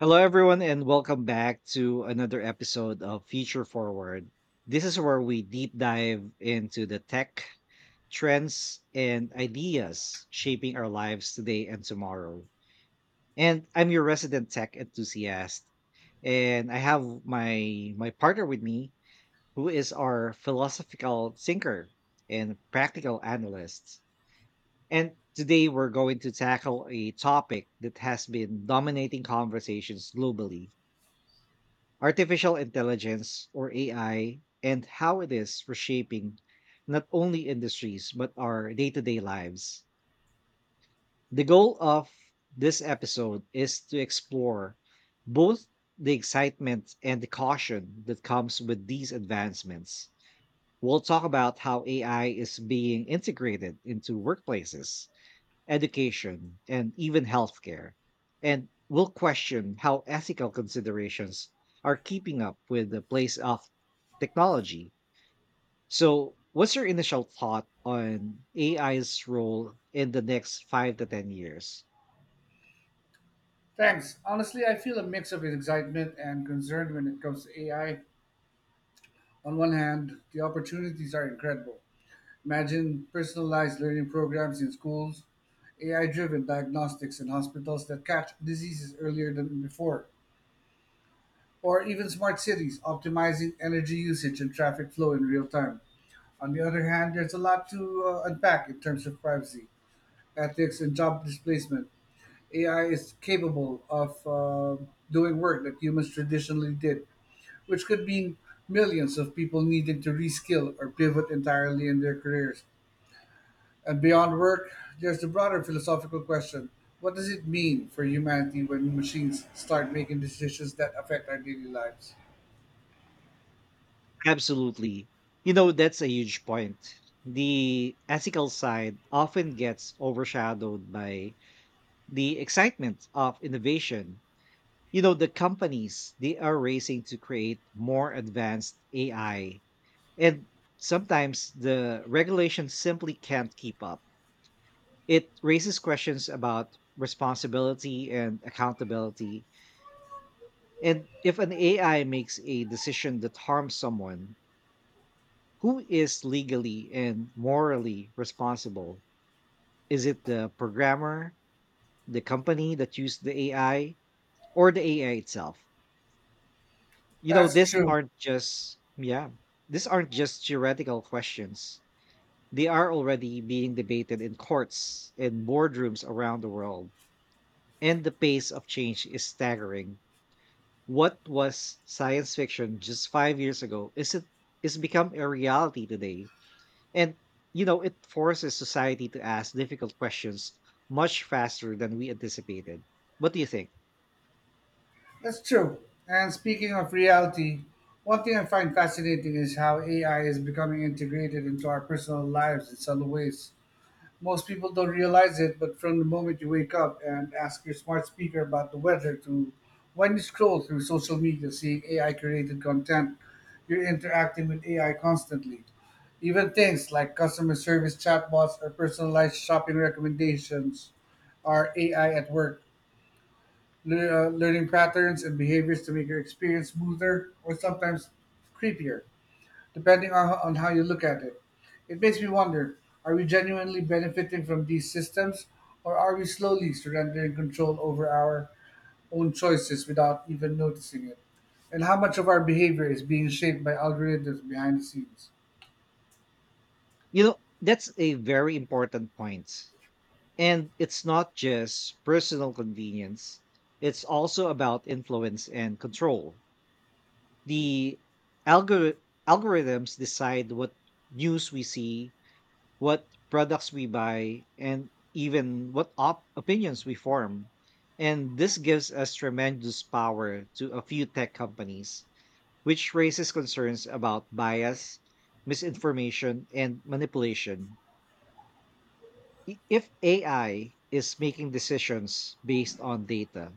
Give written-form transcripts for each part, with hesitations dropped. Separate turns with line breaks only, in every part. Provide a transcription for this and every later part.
Hello, everyone, and welcome back to another episode of Future Forward. This is where we deep dive into the tech trends and ideas shaping our lives today and tomorrow. And I'm your resident tech enthusiast, and I have my partner with me, who is our philosophical thinker and practical analyst. And today we're going to tackle a topic that has been dominating conversations globally, artificial intelligence or AI, and how it is reshaping not only industries but our day to day lives. The goal of this episode is to explore both the excitement and the caution that comes with these advancements. We'll talk about how AI is being integrated into workplaces, education, and even healthcare, and will question how ethical considerations are keeping up with the place of technology. So, what's your initial thought on AI's role in the next 5 to 10 years?
Thanks. Honestly, I feel a mix of excitement and concern when it comes to AI. On one hand, the opportunities are incredible. Imagine personalized learning programs in schools, AI driven diagnostics in hospitals that catch diseases earlier than before, or even smart cities optimizing energy usage and traffic flow in real time. On the other hand, there's a lot to unpack in terms of privacy, ethics, and job displacement. AI is capable of doing work that humans traditionally did which could mean millions of people needing to reskill or pivot entirely in their careers. And beyond work, there's the broader philosophical question: what does it mean for humanity when machines start making decisions that affect our daily lives?
Absolutely. You know, that's a huge point. The ethical side often gets overshadowed by the excitement of innovation. You know, the companies, they are racing to create more advanced AI, and sometimes the regulation simply can't keep up. It raises questions about responsibility and accountability. And if an AI makes a decision that harms someone, who is legally and morally responsible? Is it the programmer, the company that used the AI, or the AI itself? You know,
That's true.
these aren't just theoretical questions. They are already being debated in courts and boardrooms around the world. And the pace of change is staggering. What was science fiction just 5 years ago is become a reality today. And, you know, it forces society to ask difficult questions much faster than we anticipated. What do you think?
That's true. And speaking of reality, one thing I find fascinating is how AI is becoming integrated into our personal lives in subtle ways. Most people don't realize it, but from the moment you wake up and ask your smart speaker about the weather to when you scroll through social media seeing AI created content, you're interacting with AI constantly. Even things like customer service chatbots or personalized shopping recommendations are AI at work, learning patterns and behaviors to make your experience smoother or sometimes creepier, depending on how you look at it. It makes me wonder, are we genuinely benefiting from these systems, or are we slowly surrendering control over our own choices without even noticing it? And how much of our behavior is being shaped by algorithms behind the scenes?
You know, that's a very important point. And it's not just personal convenience, it's also about influence and control. The algor- algorithms decide what news we see, what products we buy, and even what opinions we form. And this gives us tremendous power to a few tech companies, which raises concerns about bias, misinformation, and manipulation. If AI is making decisions based on data,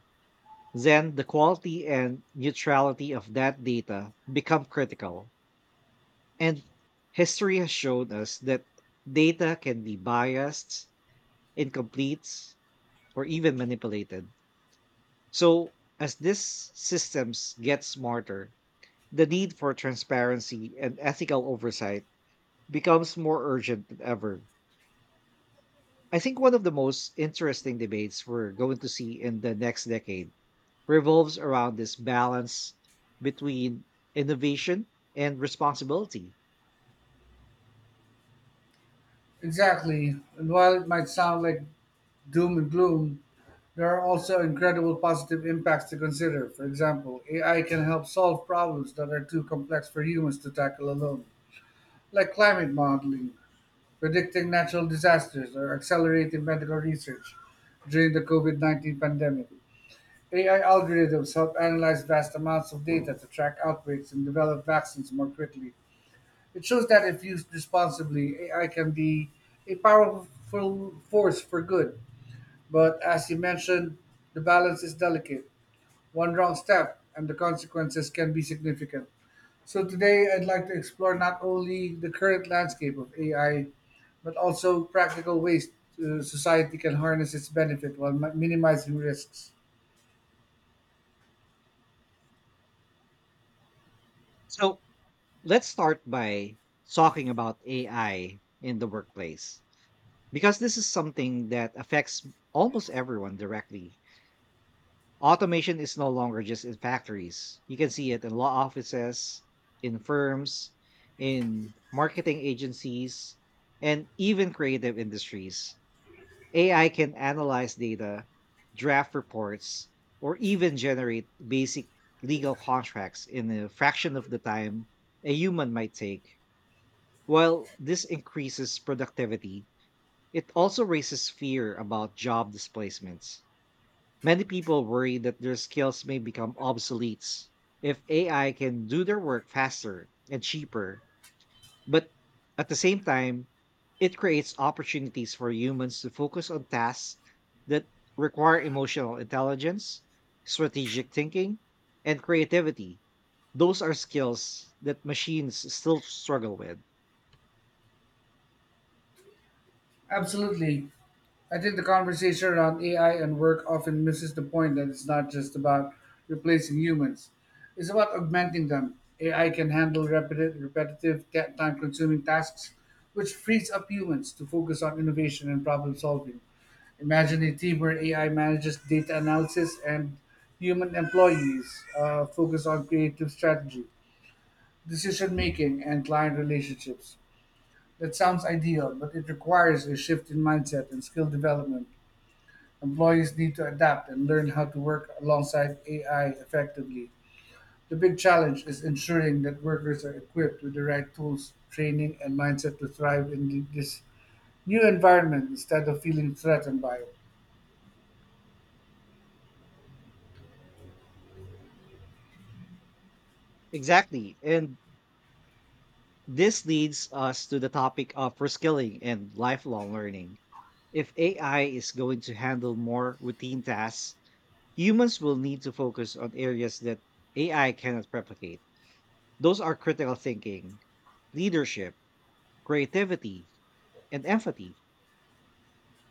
then the quality and neutrality of that data become critical. And history has shown us that data can be biased, incomplete, or even manipulated. So, as these systems get smarter, the need for transparency and ethical oversight becomes more urgent than ever. I think one of the most interesting debates we're going to see in the next decade revolves around this balance between innovation and responsibility.
Exactly. And while it might sound like doom and gloom, there are also incredible positive impacts to consider. For example, AI can help solve problems that are too complex for humans to tackle alone, like climate modeling, predicting natural disasters, or accelerating medical research during the COVID 19 pandemic. AI algorithms help analyze vast amounts of data to track outbreaks and develop vaccines more quickly. It shows that if used responsibly, AI can be a powerful force for good. But as you mentioned, the balance is delicate. One wrong step, and the consequences can be significant. So today I'd like to explore not only the current landscape of AI, but also practical ways to society can harness its benefit while minimizing risks.
So let's start by talking about AI in the workplace, because this is something that affects almost everyone directly. Automation is no longer just in factories. You can see it in law offices, in firms, in marketing agencies, and even creative industries. AI can analyze data, draft reports, or even generate basic legal contracts in a fraction of the time a human might take. While this increases productivity, it also raises fear about job displacements. Many people worry that their skills may become obsolete if AI can do their work faster and cheaper. But at the same time, it creates opportunities for humans to focus on tasks that require emotional intelligence, strategic thinking, and creativity. Those are skills that machines still struggle with.
Absolutely. I think the conversation around AI and work often misses the point that it's not just about replacing humans, it's about augmenting them. AI can handle repetitive, time consuming tasks, which frees up humans to focus on innovation and problem solving. Imagine a team where AI manages data analysis and human employees focus on creative strategy, decision making, and client relationships. That sounds ideal, but it requires a shift in mindset and skill development. Employees need to adapt and learn how to work alongside AI effectively. The big challenge is ensuring that workers are equipped with the right tools, training, and mindset to thrive in this new environment instead of feeling threatened by it.
Exactly. And this leads us to the topic of reskilling and lifelong learning. If AI is going to handle more routine tasks, humans will need to focus on areas that AI cannot replicate. Those are critical thinking, leadership, creativity, and empathy.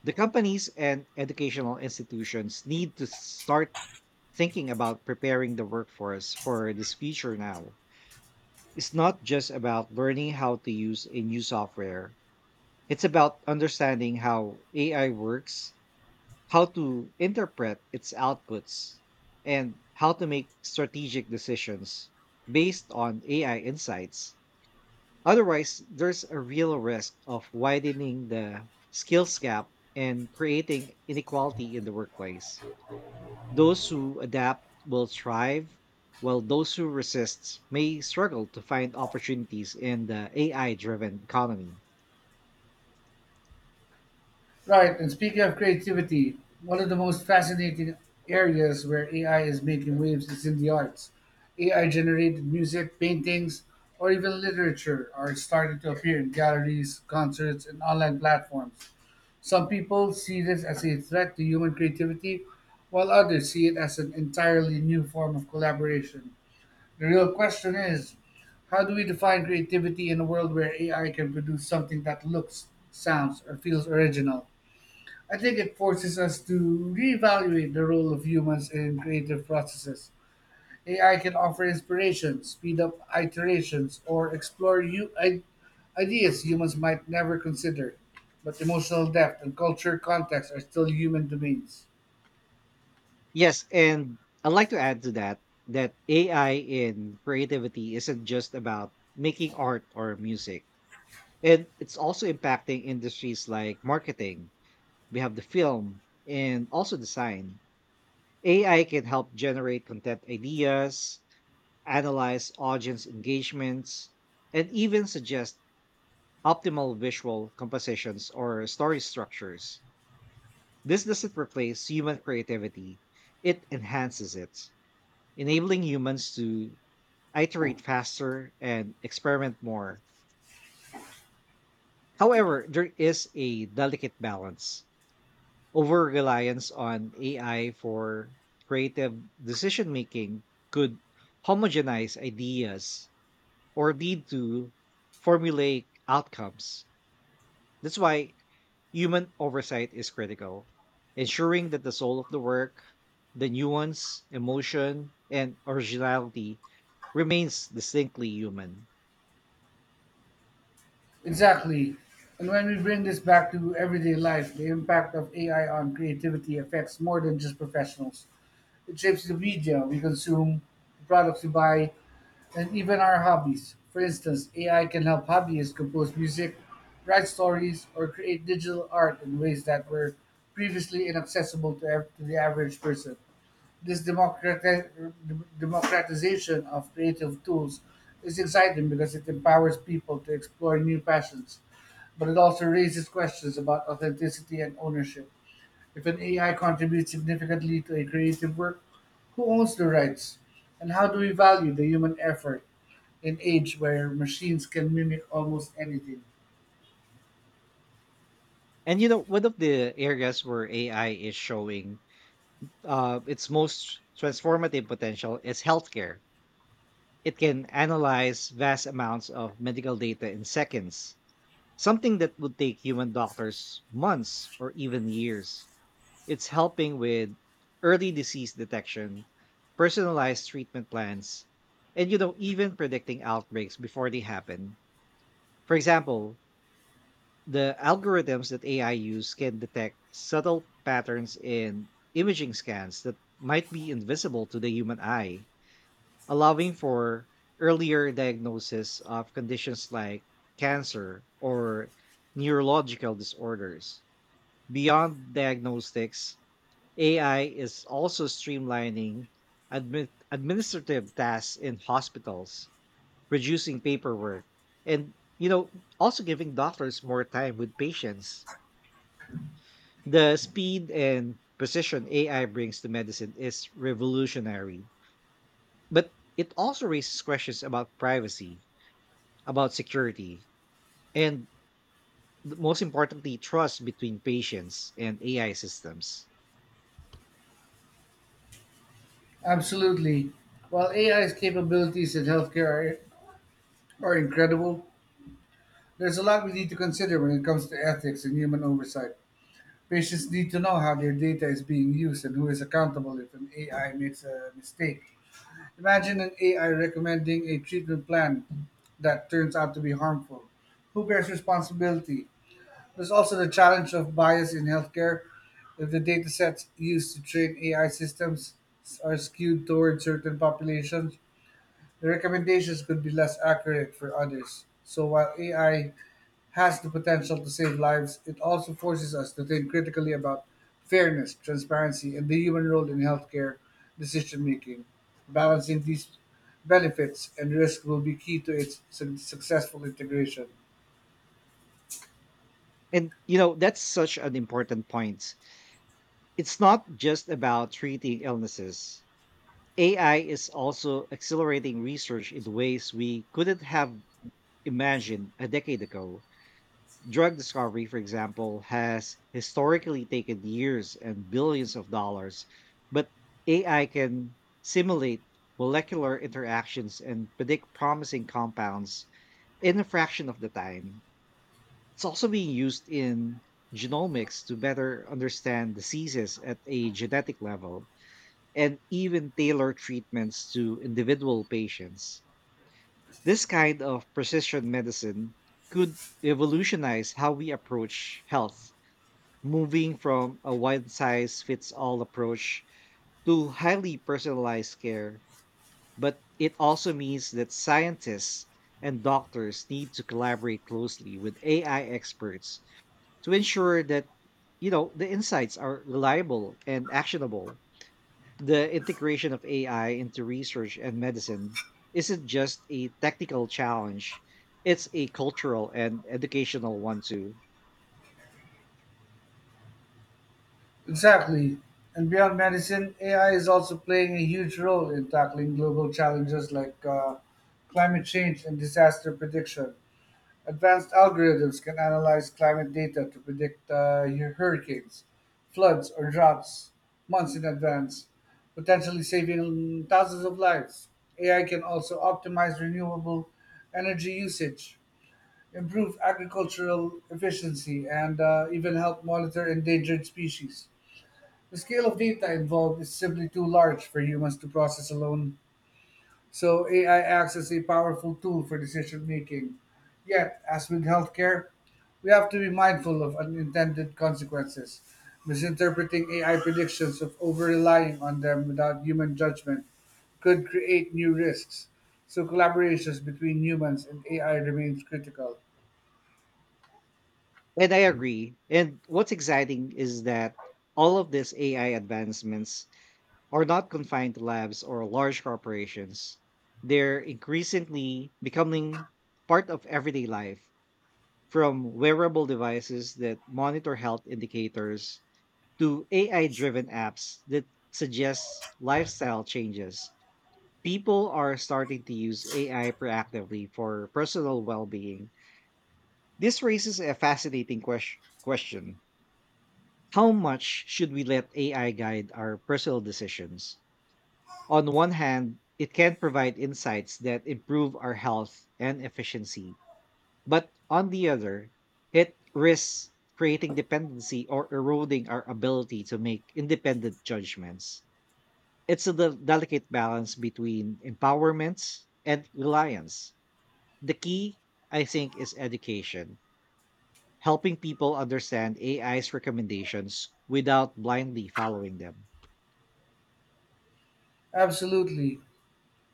The companies and educational institutions need to start thinking about preparing the workforce for this future now. It's not just about learning how to use a new software, it's about understanding how AI works, how to interpret its outputs, and how to make strategic decisions based on AI insights. Otherwise, there's a real risk of widening the skills gap and creating inequality in the workplace. Those who adapt will thrive, while those who resist may struggle to find opportunities in the AI driven economy.
Right, and speaking of creativity, one of the most fascinating areas where AI is making waves is in the arts. AI generated music, paintings, or even literature are starting to appear in galleries, concerts, and online platforms. Some people see this as a threat to human creativity, while others see it as an entirely new form of collaboration. The real question is, how do we define creativity in a world where AI can produce something that looks, sounds, or feels original? I think it forces us to reevaluate the role of humans in creative processes. AI can offer inspiration, speed up iterations, or explore new ideas humans might never consider. But emotional depth and culture context are still human domains.
Yes, and I'd like to add to that that AI in creativity isn't just about making art or music. And it's also impacting industries like marketing. We have the film and also design. AI can help generate content ideas, analyze audience engagements, and even suggest optimal visual compositions or story structures. This doesn't replace human creativity, it enhances it, enabling humans to iterate faster and experiment more. However, there is a delicate balance. Over reliance on AI for creative decision making could homogenize ideas or lead to formulaic outcomes. That's why human oversight is critical, ensuring that the soul of the work, the nuance, emotion, and originality remains distinctly human.
Exactly. And when we bring this back to everyday life, the impact of AI on creativity affects more than just professionals. It shapes the media we consume, the products we buy, and even our hobbies. For instance, AI can help hobbyists compose music, write stories, or create digital art in ways that were previously inaccessible to the average person. This democratization of creative tools is exciting because it empowers people to explore new passions, but it also raises questions about authenticity and ownership. If an AI contributes significantly to a creative work, who owns the rights? And how do we value the human effort in age where machines can mimic almost anything?
And you know, one of the areas where AI is showing, its most transformative potential is healthcare. It can analyze vast amounts of medical data in seconds, something that would take human doctors months or even years. It's helping with early disease detection, personalized treatment plans, and, you know, even predicting outbreaks before they happen. For example, the algorithms that AI use can detect subtle patterns in imaging scans that might be invisible to the human eye, allowing for earlier diagnosis of conditions like cancer or neurological disorders. Beyond diagnostics, AI is also streamlining administrative tasks in hospitals, reducing paperwork, and, you know, also giving doctors more time with patients. The speed and precision AI brings to medicine is revolutionary, but it also raises questions about privacy, about security, and, most importantly, trust between patients and AI systems.
Absolutely. While AI's capabilities in healthcare are incredible, there's a lot we need to consider when it comes to ethics and human oversight. Patients need to know how their data is being used and who is accountable if an AI makes a mistake. Imagine an AI recommending a treatment plan that turns out to be harmful. Who bears responsibility? There's also the challenge of bias in healthcare. If the data sets used to train AI systems are skewed toward certain populations, the recommendations could be less accurate for others. So while AI has the potential to save lives, it also forces us to think critically about fairness, transparency, and the human role in healthcare decision making. Balancing these benefits and risks will be key to its successful integration.
And you know that's such an important point. It's not just about treating illnesses. AI is also accelerating research in ways we couldn't have imagined a decade ago. Drug discovery, for example, has historically taken years and billions of dollars, but AI can simulate molecular interactions and predict promising compounds in a fraction of the time. It's also being used in genomics to better understand diseases at a genetic level and even tailor treatments to individual patients. This kind of precision medicine could revolutionize how we approach health, moving from a one size fits all approach to highly personalized care. But it also means that scientists and doctors need to collaborate closely with AI experts to ensure that, you know, the insights are reliable and actionable. The integration of AI into research and medicine isn't just a technical challenge, it's a cultural and educational one too.
Exactly. And beyond medicine, AI is also playing a huge role in tackling global challenges like climate change and disaster prediction. Advanced algorithms can analyze climate data to predict hurricanes, floods, or droughts months in advance, potentially saving thousands of lives. AI can also optimize renewable energy usage, improve agricultural efficiency, and even help monitor endangered species. The scale of data involved is simply too large for humans to process alone. So AI acts as a powerful tool for decision making. Yet, as with healthcare, we have to be mindful of unintended consequences. Misinterpreting AI predictions of over relying on them without human judgment could create new risks. So collaborations between humans and AI remains critical.
And I agree. And what's exciting is that all of these AI advancements are not confined to labs or large corporations. They're increasingly becoming part of everyday life, from wearable devices that monitor health indicators to AI driven apps that suggest lifestyle changes. People are starting to use AI proactively for personal well being. This raises a fascinating question: how much should we let AI guide our personal decisions? On one hand, it can provide insights that improve our health and efficiency. But on the other, it risks creating dependency or eroding our ability to make independent judgments. It's a delicate balance between empowerment and reliance. The key, I think, is education, helping people understand AI's recommendations without blindly following them.
Absolutely.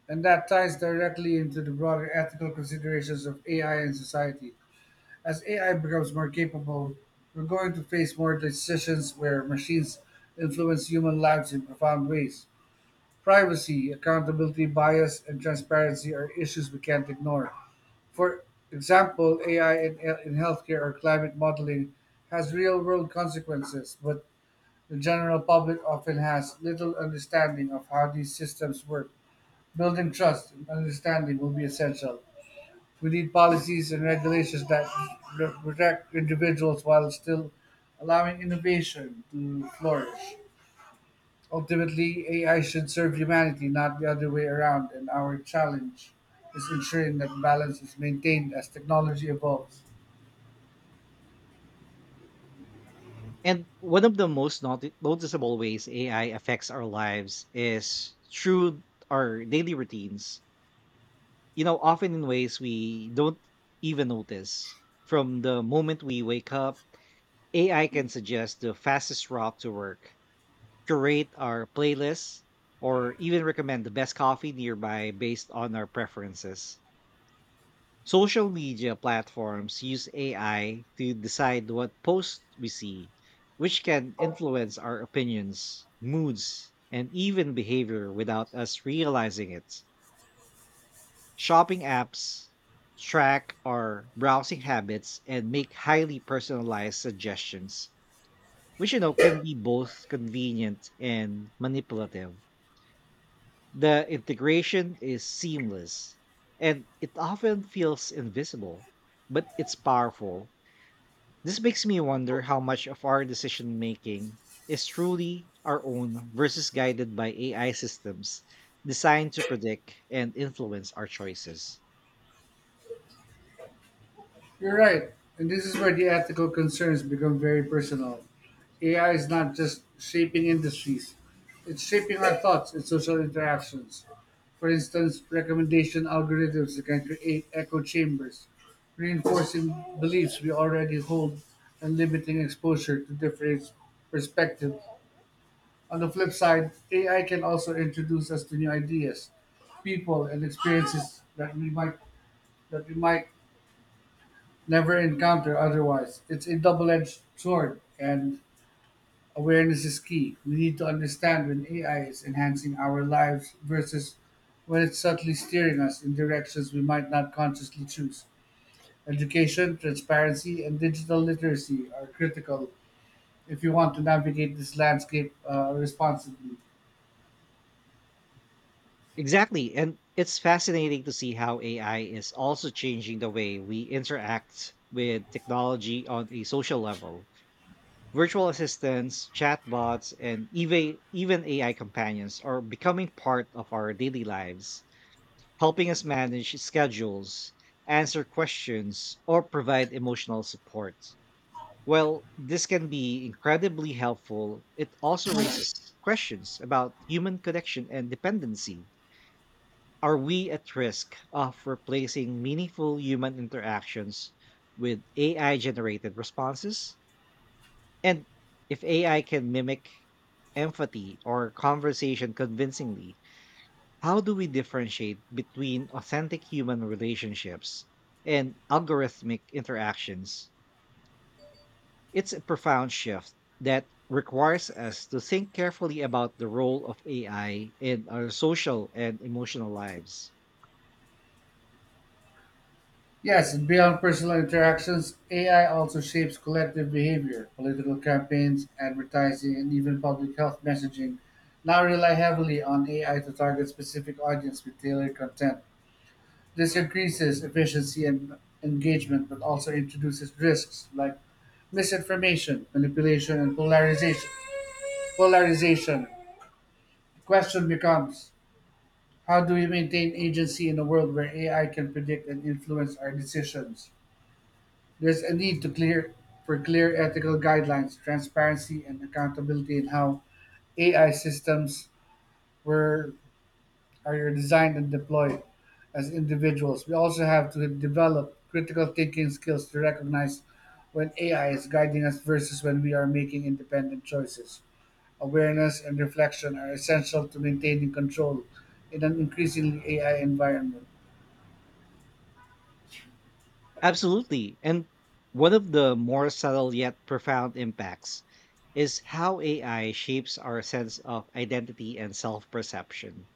And that ties directly into the broader ethical considerations of AI in society. As AI becomes more capable, we're going to face more decisions where machines influence human lives in profound ways. Privacy, accountability bias, and transparency are issues we can't ignore. For example, AI in healthcare or climate modeling has real world consequences, but the general public often has little understanding of how these systems work. Building trust and understanding will be essential. We need policies and regulations that protect individuals while still allowing innovation to flourish. Ultimately, AI should serve humanity, not the other way around, and our challenge is ensuring that balance is maintained as technology evolves.
And one of the most noticeable ways AI affects our lives is through our daily routines, you know, often in ways we don't even notice. From the moment we wake up, AI can suggest the fastest route to work, curate our playlists, or even recommend the best coffee nearby based on our preferences. Social media platforms use AI to decide what posts we see, which can influence our opinions, moods, and even behavior without us realizing it. Shopping apps track our browsing habits and make highly personalized suggestions, which, you know, can be both convenient and manipulative. The integration is seamless and it often feels invisible, but it's powerful. This makes me wonder how much of our decision making is truly our own versus guided by AI systems designed to predict and influence our choices.
You're right. And this is where the ethical concerns become very personal. AI is not just shaping industries, it's shaping our thoughts and social interactions. For instance, recommendation algorithms that can create echo chambers, reinforcing beliefs we already hold and limiting exposure to different perspectives. On the flip side, AI can also introduce us to new ideas, people, and experiences that we might never encounter otherwise. It's a double edged sword, and awareness is key. We need to understand when AI is enhancing our lives versus when it's subtly steering us in directions we might not consciously choose. Education, transparency, and digital literacy are critical if you want to navigate this landscape responsibly.
Exactly. And it's fascinating to see how AI is also changing the way we interact with technology on a social level. Virtual assistants, chatbots, and even AI companions are becoming part of our daily lives, helping us manage schedules, answer questions, or provide emotional support. Well, this can be incredibly helpful, it also raises questions about human connection and dependency. Are we at risk of replacing meaningful human interactions with AI generated responses? And if AI can mimic empathy or conversation convincingly, how do we differentiate between authentic human relationships and algorithmic interactions? It's a profound shift that requires us to think carefully about the role of AI in our social and emotional lives.
Yes, beyond personal interactions, AI also shapes collective behavior. Political campaigns, advertising, and even public health messaging now rely heavily on AI to target specific audience with tailored content. This increases efficiency and engagement, but also introduces risks like misinformation, manipulation, and polarization. The question becomes: how do we maintain agency in a world where AI can predict and influence our decisions? There's a need to clear for clear ethical guidelines, transparency, and accountability in how AI systems were are designed and deployed as individuals. We also have to develop critical thinking skills to recognize when AI is guiding us versus when we are making independent choices. Awareness and reflection are essential to maintaining control in an increasingly AI environment.
Absolutely. And one of the more subtle yet profound impacts is how AI shapes our sense of identity and self perception.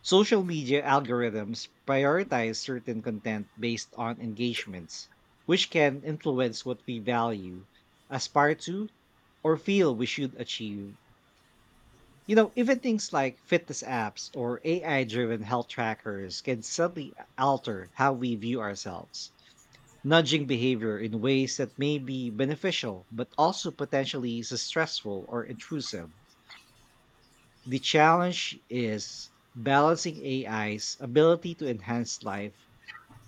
Social media algorithms prioritize certain content based on engagements, which can influence what we value, aspire to, or feel we should achieve. You know, even things like fitness apps or AI driven health trackers can suddenly alter how we view ourselves, nudging behavior in ways that may be beneficial but also potentially stressful or intrusive. The challenge is balancing AI's ability to enhance life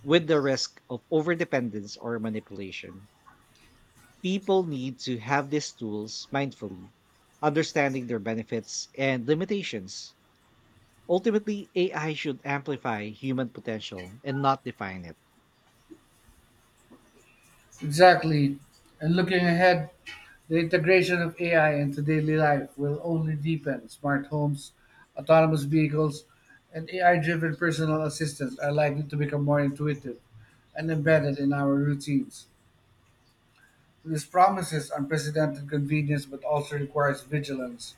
with the risk of overdependence or manipulation. People need to have these tools mindfully, understanding their benefits and limitations. Ultimately, AI should amplify human potential and not define it.
Exactly. And looking ahead, the integration of AI into daily life will only deepen. Smart homes, autonomous vehicles, and AI driven personal assistants are likely to become more intuitive and embedded in our routines. This promises unprecedented convenience but also requires vigilance.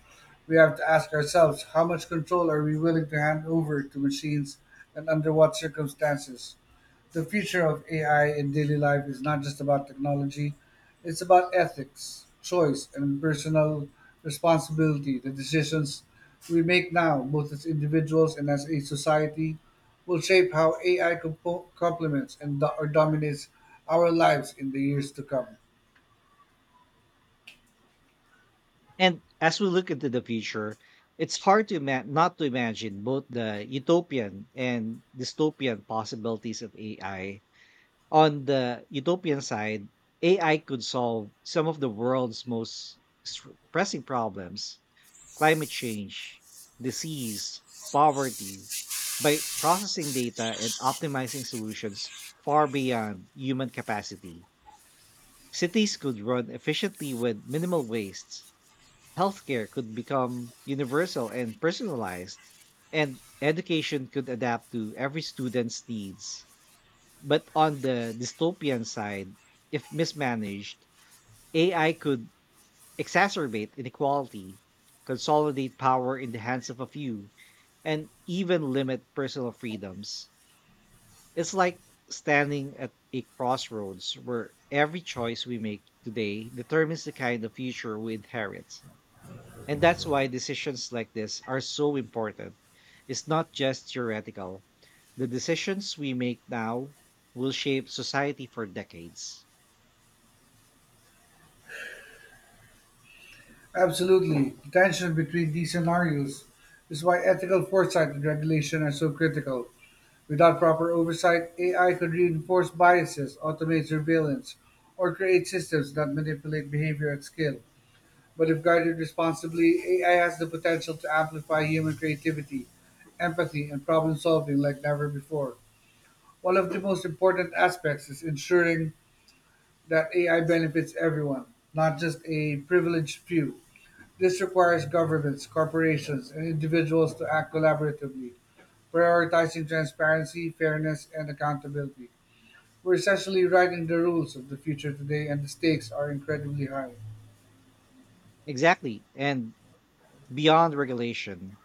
We have to ask ourselves, how much control are we willing to hand over to machines, and under what circumstances? The future of AI in daily life is not just about technology, it's about ethics, choice, and personal responsibility. The decisions we make now, both as individuals and as a society, will shape how AI complements and or dominates our lives in the years to come.
And as we look into the future, it's hard not to imagine both the utopian and dystopian possibilities of AI. On the utopian side, AI could solve some of the world's most s- pressing problems: climate change, disease, poverty, by processing data and optimizing solutions far beyond human capacity. Cities could run efficiently with minimal waste, healthcare could become universal and personalized, and education could adapt to every student's needs. But on the dystopian side, if mismanaged, AI could exacerbate inequality, consolidate power in the hands of a few, and even limit personal freedoms. It's like standing at a crossroads where every choice we make today determines the kind of future we inherit. And that's why decisions like this are so important. It's not just theoretical. The decisions we make now will shape society for decades.
Absolutely. The tension between these scenarios is why ethical foresight and regulation are so critical. Without proper oversight, AI could reinforce biases, automate surveillance, or create systems that manipulate behavior at scale. But if guided responsibly, AI has the potential to amplify human creativity, empathy, and problem solving like never before. One of the most important aspects is ensuring that AI benefits everyone, not just a privileged few. This requires governments, corporations, and individuals to act collaboratively, prioritizing transparency, fairness, and accountability. We're essentially writing the rules of the future today, and the stakes are incredibly high.
Exactly. And beyond regulation,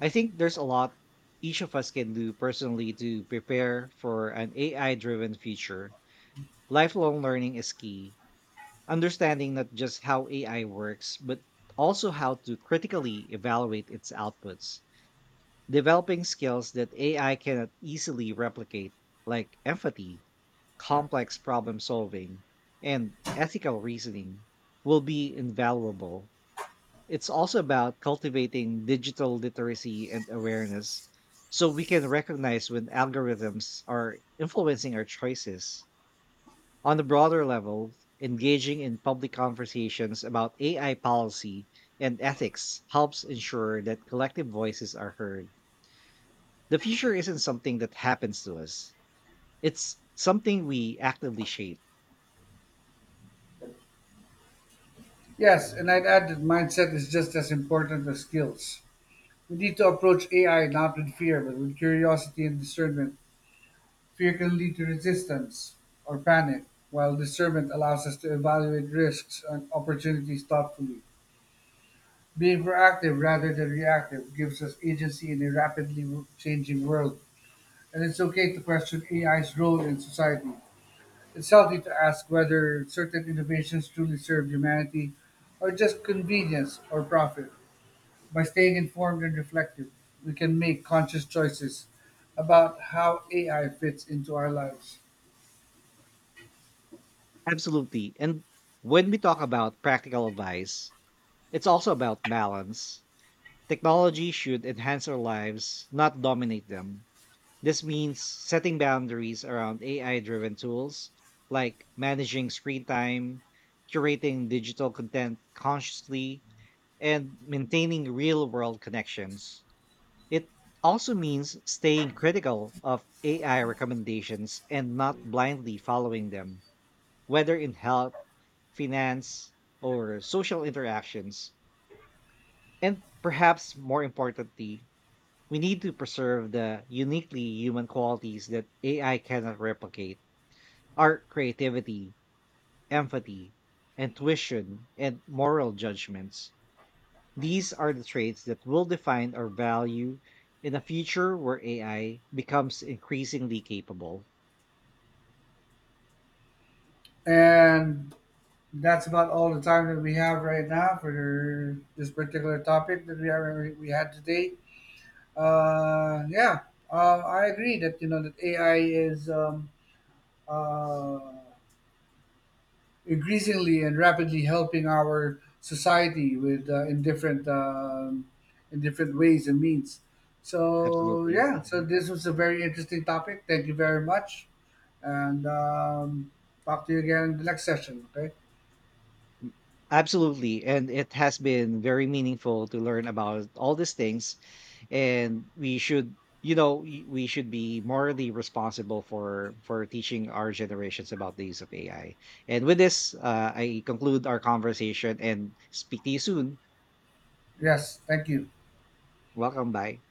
I think there's a lot each of us can do personally to prepare for an AI driven future. Lifelong learning is key. Understanding not just how AI works, but also how to critically evaluate its outputs, developing skills that AI cannot easily replicate, like empathy, complex problem solving, and ethical reasoning, will be invaluable. It's also about cultivating digital literacy and awareness so we can recognize when algorithms are influencing our choices. On a broader level, engaging in public conversations about AI policy and ethics helps ensure that collective voices are heard. The future isn't something that happens to us. It's something we actively shape.
Yes, and I'd add that mindset is just as important as skills. We need to approach AI not with fear, but with curiosity and discernment. Fear can lead to resistance or panic, while discernment allows us to evaluate risks and opportunities thoughtfully. Being proactive rather than reactive gives us agency in a rapidly changing world, and it's okay to question AI's role in society. It's healthy to ask whether certain innovations truly serve humanity or just convenience or profit. By staying informed and reflective, we can make conscious choices about how AI fits into our lives.
Absolutely. And when we talk about practical advice, it's also about balance. Technology should enhance our lives, not dominate them. This means setting boundaries around AI driven tools like managing screen time, curating digital content consciously, and maintaining real world connections. It also means staying critical of AI recommendations and not blindly following them, whether in health, finance, or social interactions. And perhaps more importantly, we need to preserve the uniquely human qualities that AI cannot replicate: our creativity, empathy, intuition, and moral judgments. These are the traits that will define our value in a future where AI becomes increasingly capable.
And that's about all the time that we have right now for this particular topic that we had today. Yeah, I agree that you know that AI is uh, increasingly and rapidly helping our society with in different in different ways and means. So
Absolutely.
yeah, so
Mhm.
this was a very interesting topic. Thank you very much, and talk to you again in the next session. Okay.
Absolutely. And it has been very meaningful to learn about all these things. And we should, you know, we should be morally responsible for teaching our generations about the use of AI. And with this, I conclude our conversation and speak to you soon.
Yes. Thank you.
Welcome. Bye.